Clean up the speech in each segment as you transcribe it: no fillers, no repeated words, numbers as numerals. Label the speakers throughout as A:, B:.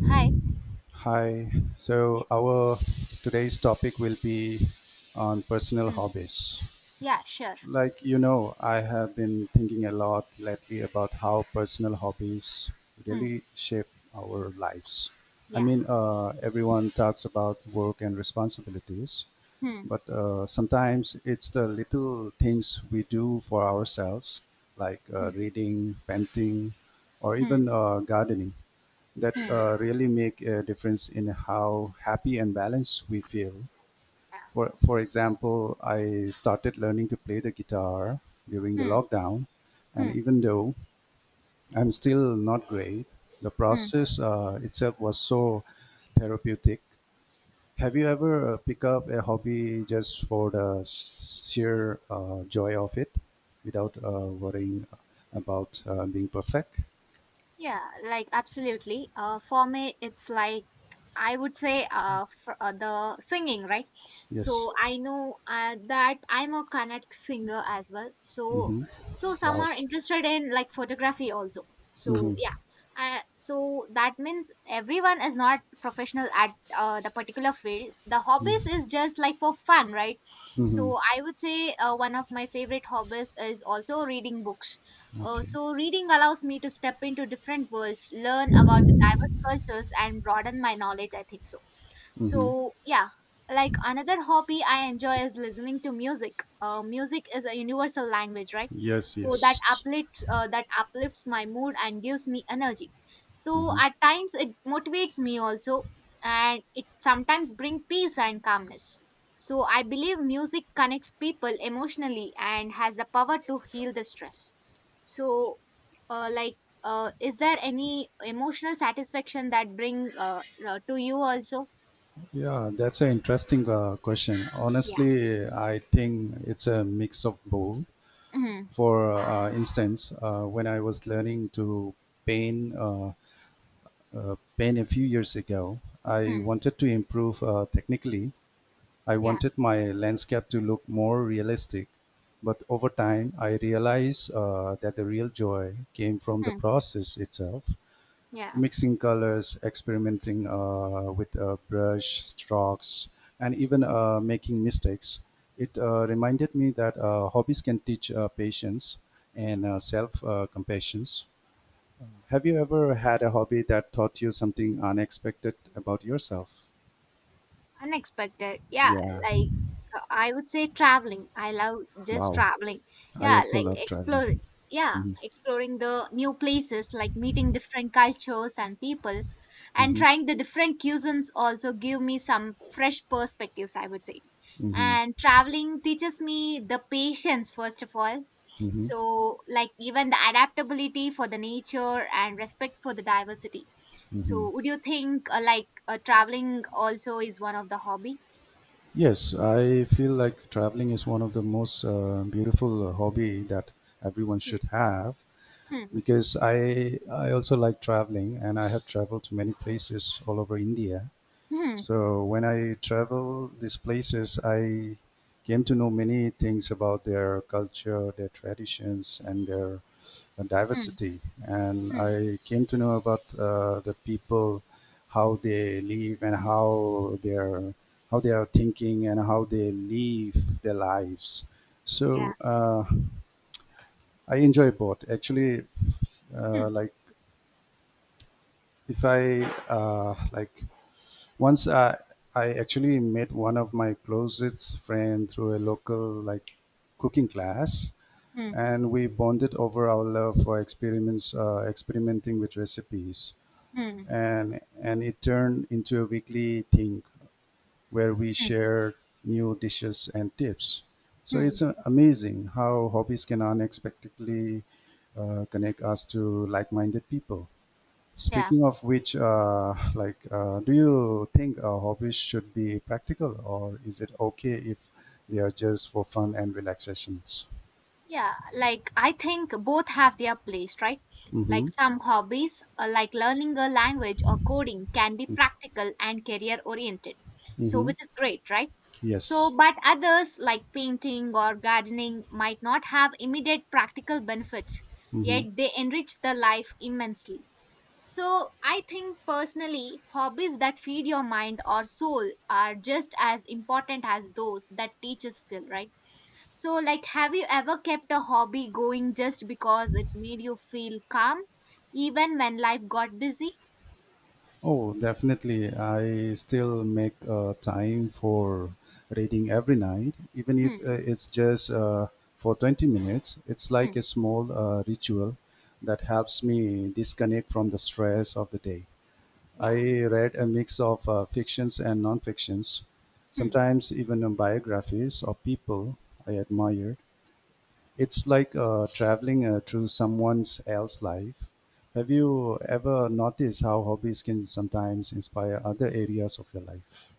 A: Hi.
B: Hi.
A: Yeah.
B: So our today's topic will be on personal
A: Hmm.
B: hobbies.
A: Yeah, sure.
B: I have been thinking a lot lately about how personal hobbies
A: Hmm.
B: really shape our lives. I
A: Yeah.
B: mean, everyone talks about work and responsibilities,
A: Hmm.
B: but sometimes it's the little things we do for ourselves, like
A: Hmm.
B: reading, painting, or
A: Hmm.
B: even gardening that
A: Hmm.
B: really make a difference in how happy and balanced we feel.
A: Yeah.
B: For example, I started learning to play the guitar during the
A: Hmm.
B: lockdown, and
A: Hmm.
B: even though I'm still not great, the
A: Hmm.
B: process itself was so therapeutic. Have you ever picked up a hobby just for the sheer joy of it without worrying about being perfect?
A: Yeah, like absolutely. For me, it's like. I would say the singing, right?
B: Yes.
A: So I know that I'm a Karnatic singer as well. So
B: Mm-hmm.
A: so some
B: Wow.
A: are interested in like photography also. So
B: Mm-hmm.
A: yeah, so that means everyone is not professional at the particular field. The hobbies is just like for fun, right?
B: Mm-hmm.
A: So I would say one of my favorite hobbies is also reading books.
B: Okay.
A: Reading allows me to step into different worlds, learn about the diverse cultures, and broaden my knowledge. I think so
B: Mm-hmm.
A: so yeah, like another hobby I enjoy is listening to music. Music is a universal language, right?
B: Yes,
A: So that
B: yes.
A: uplifts my mood and gives me energy, so
B: Hmm.
A: at times it motivates me also, and it sometimes brings peace and calmness. So I believe music connects people emotionally and has the power to heal the stress. so uh, like is there any emotional satisfaction that bring to you also?
B: Yeah, that's an interesting question.
A: Yeah.
B: Honestly, I think it's a mix of both.
A: Mhm.
B: For instance, when I was learning to paint, uh, paint a few years ago, I
A: Hmm.
B: wanted to improve technically. I
A: Yeah.
B: wanted my landscape to look more realistic. But over time, I realized that the real joy came from the
A: Hmm.
B: process itself.
A: Yeah.
B: Mixing colors, experimenting with brush strokes, and even making mistakes. It reminded me that hobbies can teach patience and self compassion. Have you ever had a hobby that taught you something unexpected about yourself?
A: Unexpected. Yeah,
B: Yeah,
A: like I would say traveling. I love just
B: wow.
A: traveling.
B: I
A: Yeah,
B: also
A: like
B: love traveling.
A: explore, yeah,
B: Mm-hmm.
A: exploring the new places, like meeting different cultures and people, and
B: Mm-hmm.
A: trying the different cuisines also give me some fresh perspectives, I would say.
B: Mm-hmm.
A: And traveling teaches me the patience first of all, so like even the adaptability for the nature and respect for the diversity.
B: Mm-hmm.
A: So would you think traveling also is one of the hobby?
B: Yes, I feel like traveling is one of the most beautiful hobby that everyone
A: Hmm.
B: should have
A: Hmm.
B: because I also like traveling and I have traveled to many places all over India.
A: Hmm.
B: So when I travel these places, I came to know many things about their culture, their traditions, and their
A: Hmm.
B: diversity. And
A: Hmm.
B: I came to know about the people, how they live and how they are thinking and how they live their lives.
A: Yeah.
B: So I enjoy both. Actually,
A: Hmm.
B: uh, like if I uh, like once I, I actually met one of my closest friend through a local like cooking class,
A: Hmm.
B: and we bonded over our love for experiments experimenting with recipes.
A: Hmm.
B: And it turned into a weekly thing where we
A: Hmm.
B: share new dishes and tips. So
A: Hmm.
B: it's amazing how hobbies can unexpectedly connect us to like-minded people.
A: Yeah.
B: Speaking of which, do you think hobbies should be practical, or is it okay if they are just for fun and relaxations?
A: Yeah, like I think both have their place, right? Like
B: Mm-hmm.
A: some hobbies, like learning a language or coding, can be practical and career oriented. So,
B: Mm-hmm.
A: which is great, right? So,
B: Yes.
A: but others like painting or gardening might not have immediate practical benefits, yet
B: Mm-hmm.
A: they enrich the life immensely. So, I think personally, hobbies that feed your mind or soul are just as important as those that teach a skill, right? So, like, have you ever kept a hobby going just because it made you feel calm, even when life got busy?
B: Oh, definitely. I still make time for reading every night, even if
A: Hmm.
B: it's just for 20 minutes. It's like
A: Hmm.
B: a small ritual that helps me disconnect from the stress of the day. I
A: Yeah.
B: read a mix of fictions and non fictions,
A: Hmm.
B: sometimes even biographies of people I admire. It's like traveling through someone else's life. Have you ever noticed how hobbies can sometimes inspire other areas of your life?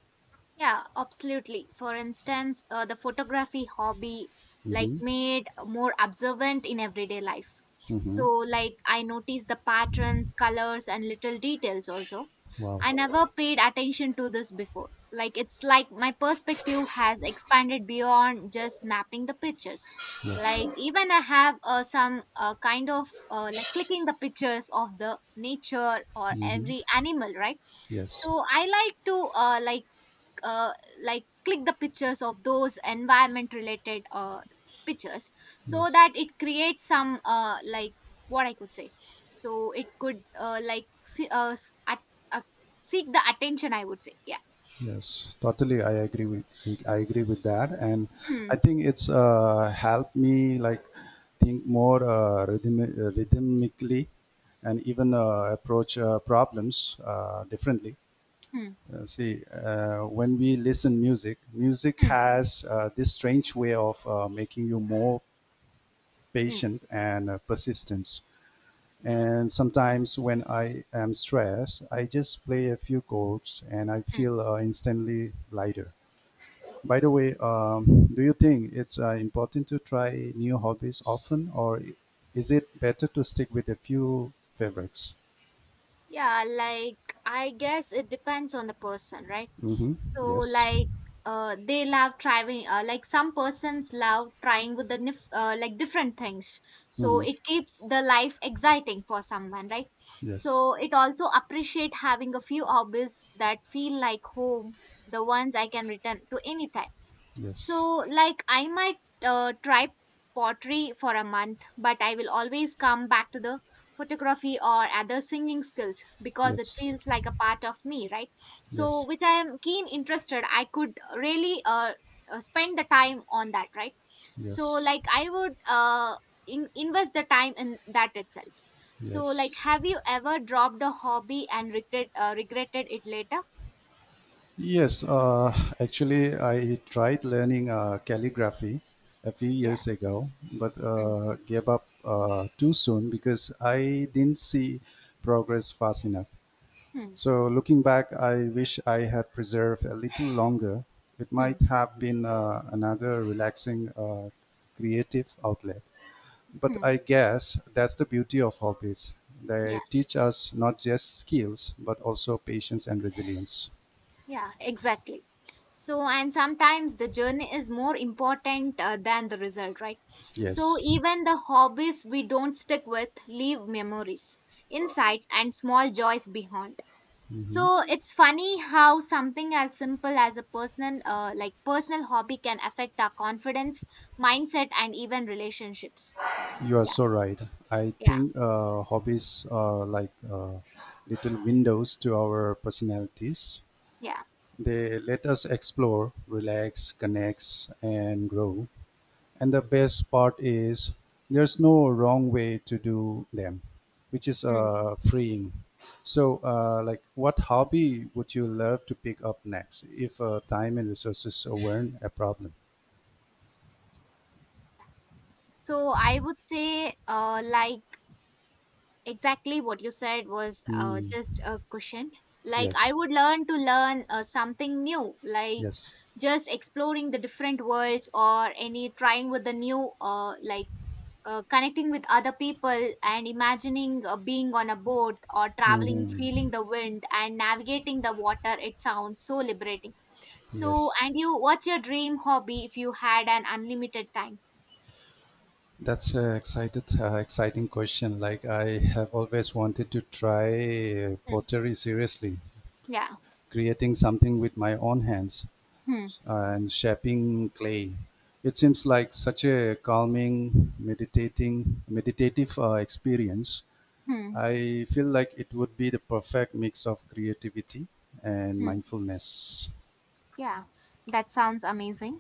A: Yeah, absolutely. For instance, the photography hobby like
B: Mm-hmm.
A: made more observant in everyday life.
B: Mm-hmm.
A: So like I noticed the patterns, colors and little details also.
B: Wow.
A: I never paid attention to this before. Like it's like my perspective has expanded beyond just snapping the pictures.
B: Yes.
A: Like even I have some kind of like clicking the pictures of the nature or every animal, right?
B: Yes.
A: So I like to uh, like click the pictures of those environment related pictures, so
B: Yes.
A: that it creates some like what I could say, so it could uh, seek the attention, I would say. Yeah.
B: Yes. Totally. I agree with that, and
A: Hmm.
B: I think it's helped me like think more rhythmically, and even approach problems differently.
A: Hmm.
B: See, when we listen music, music
A: Hmm.
B: has this strange way of making you more
A: Hmm.
B: patient and persistence. And sometimes when I am stressed, I just play a few chords and I
A: Hmm.
B: feel instantly lighter. By the way, do you think it's important to try new hobbies often, or is it better to stick with a few favorites?
A: Yeah, like I guess it depends on the person, right?
B: Mm-hmm.
A: So
B: Yes.
A: like they love trying like some persons love trying with the like different things. So
B: Mm-hmm.
A: it keeps the life exciting for someone, right?
B: Yes.
A: So it also appreciate having a few hobbies that feel like home, the ones I can return to anytime.
B: Yes.
A: So, like, I might try pottery for a month, but I will always come back to the photography or other singing skills, because it
B: Yes.
A: feels like a part of me, right? So,
B: Yes.
A: which I am keen interested, I could really spend the time on that, right? So,
B: Yes,
A: like, I would invest the time in that itself. So, like,
B: yes,
A: have you ever dropped a hobby and regretted it later?
B: yes. Actually, I tried learning calligraphy a few
A: Yeah.
B: years ago, but
A: Hmm.
B: gave up too soon because I didn't see progress fast enough.
A: Hmm.
B: So, looking back, I wish I had preserved a little longer. It
A: Hmm.
B: might have been another relaxing, creative outlet. But
A: Hmm.
B: I guess that's the beauty of hobbies.
A: Yeah.
B: They teach us not just skills but also patience and resilience.
A: Yeah, exactly. So, and sometimes the journey is more important than the result, right? So,
B: Yes,
A: even the hobbies we don't stick with leave memories, insights, and small joys behind. So, it's funny how something as simple as a personal hobby, can affect our confidence, mindset, and even relationships.
B: you are so
A: Yes.
B: right. I
A: Yeah.
B: think hobbies are like little windows to our personalities.
A: Yeah.
B: They let us explore, relax, connect and grow. And the best part is there's no wrong way to do them, which is
A: Mm.
B: freeing. So, what hobby would you love to pick up next if time and resources weren't a problem?
A: So, I would say, exactly what you said was just a cushion. Like I
B: Yes,
A: would learn something new, like
B: yes,
A: just exploring the different worlds or any trying with the new connecting with other people, and imagining being on a boat or traveling,
B: hmm,
A: feeling the wind and navigating the water. It sounds so liberating. So
B: yes.
A: and you, what's your dream hobby if you had an unlimited time?
B: That's a exciting question. Like, I have always wanted to try
A: Hmm.
B: pottery seriously,
A: Yeah.
B: creating something with my own hands.
A: Hmm.
B: And shaping clay. It seems like such a calming, meditative experience.
A: Hmm.
B: I feel like it would be the perfect mix of creativity and
A: Hmm.
B: mindfulness.
A: Yeah, that sounds amazing.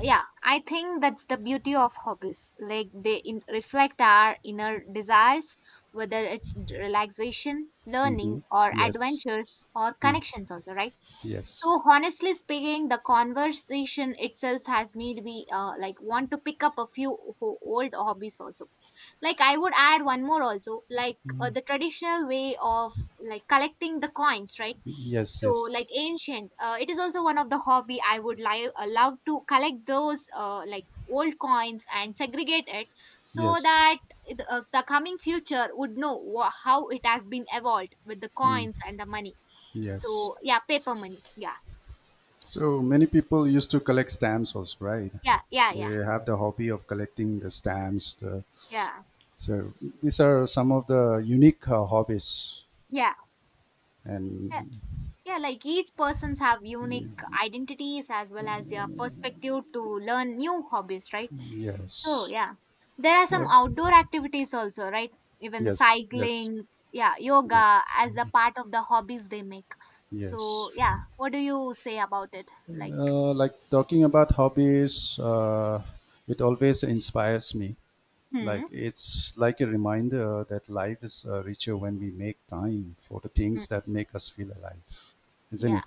A: Yeah, I think that's the beauty of hobbies, like they reflect our inner desires, whether it's relaxation, learning,
B: Hmm.
A: or
B: Yes.
A: adventures, or
B: Mm.
A: connections also, right?
B: Yes.
A: So honestly speaking, the conversation itself has made me want to pick up a few old hobbies also. Like I would add one more also, like the traditional way of like collecting the coins, right?
B: Yes.
A: So
B: Yes.
A: like ancient, it is also one of the hobby. I would love to collect those old coins and segregate it, so
B: Yes.
A: that the coming future would know wha how it has been evolved with the coins and the money. So
B: Yes.
A: yeah, paper money, yeah.
B: So many people used to collect stamps also, right?
A: Yeah, yeah. Yeah,
B: They have the hobby of collecting the stamps.
A: yeah,
B: So these are some of the unique hobbies,
A: yeah.
B: and
A: Yeah, like each persons have unique identities as well as their perspective to learn new hobbies, right? So
B: yes.
A: yeah, there are some
B: So,
A: outdoor activities also, right? Even the
B: yes. Yes.
A: cycling, yeah,
B: Yes.
A: yoga as a part of the hobbies they make.
B: Yes.
A: So yeah, what do you say about it? Like,
B: Talking about hobbies, it always inspires me. Like
A: hmm,
B: it's like a reminder that life is richer when we make time for the
A: hmm,
B: things that make us feel alive, isn't
A: yeah.
B: it?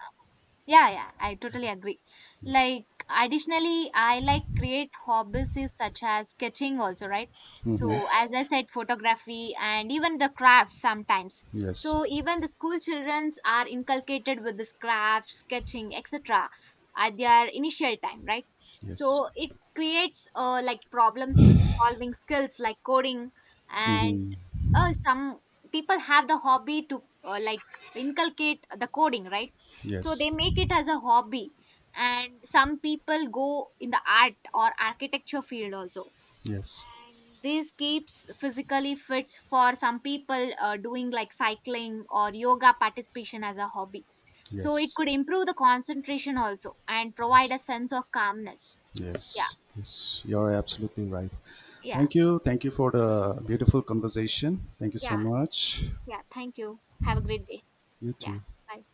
A: Yeah, yeah, I totally agree.
B: Yes.
A: Like, additionally, I like create hobbies is such as sketching also, right?
B: Mm-hmm.
A: So, as I said, photography and even the crafts sometimes.
B: Yes.
A: So, even the school childrens are inculcated with this craft, sketching, etc. at their initial time, right?
B: Yes.
A: So, it creates like problem solving skills like coding, and
B: Mm-hmm.
A: some people have the hobby to inculcate the coding, right? So
B: Yes.
A: they make it as a hobby, and some people go in the art or architecture field also.
B: Yes.
A: And this keeps physically fits for some people doing like cycling or yoga participation as a hobby. So it
B: Yes.
A: could improve the concentration also and provide a
B: Yes.
A: sense of calmness. Yeah.
B: Yes, yes, you're absolutely right.
A: Yeah.
B: Thank you. Thank you for the beautiful conversation. Thank you so
A: Yeah.
B: much.
A: Yeah, thank you, have a great day.
B: You
A: Yeah,
B: too.
A: bye.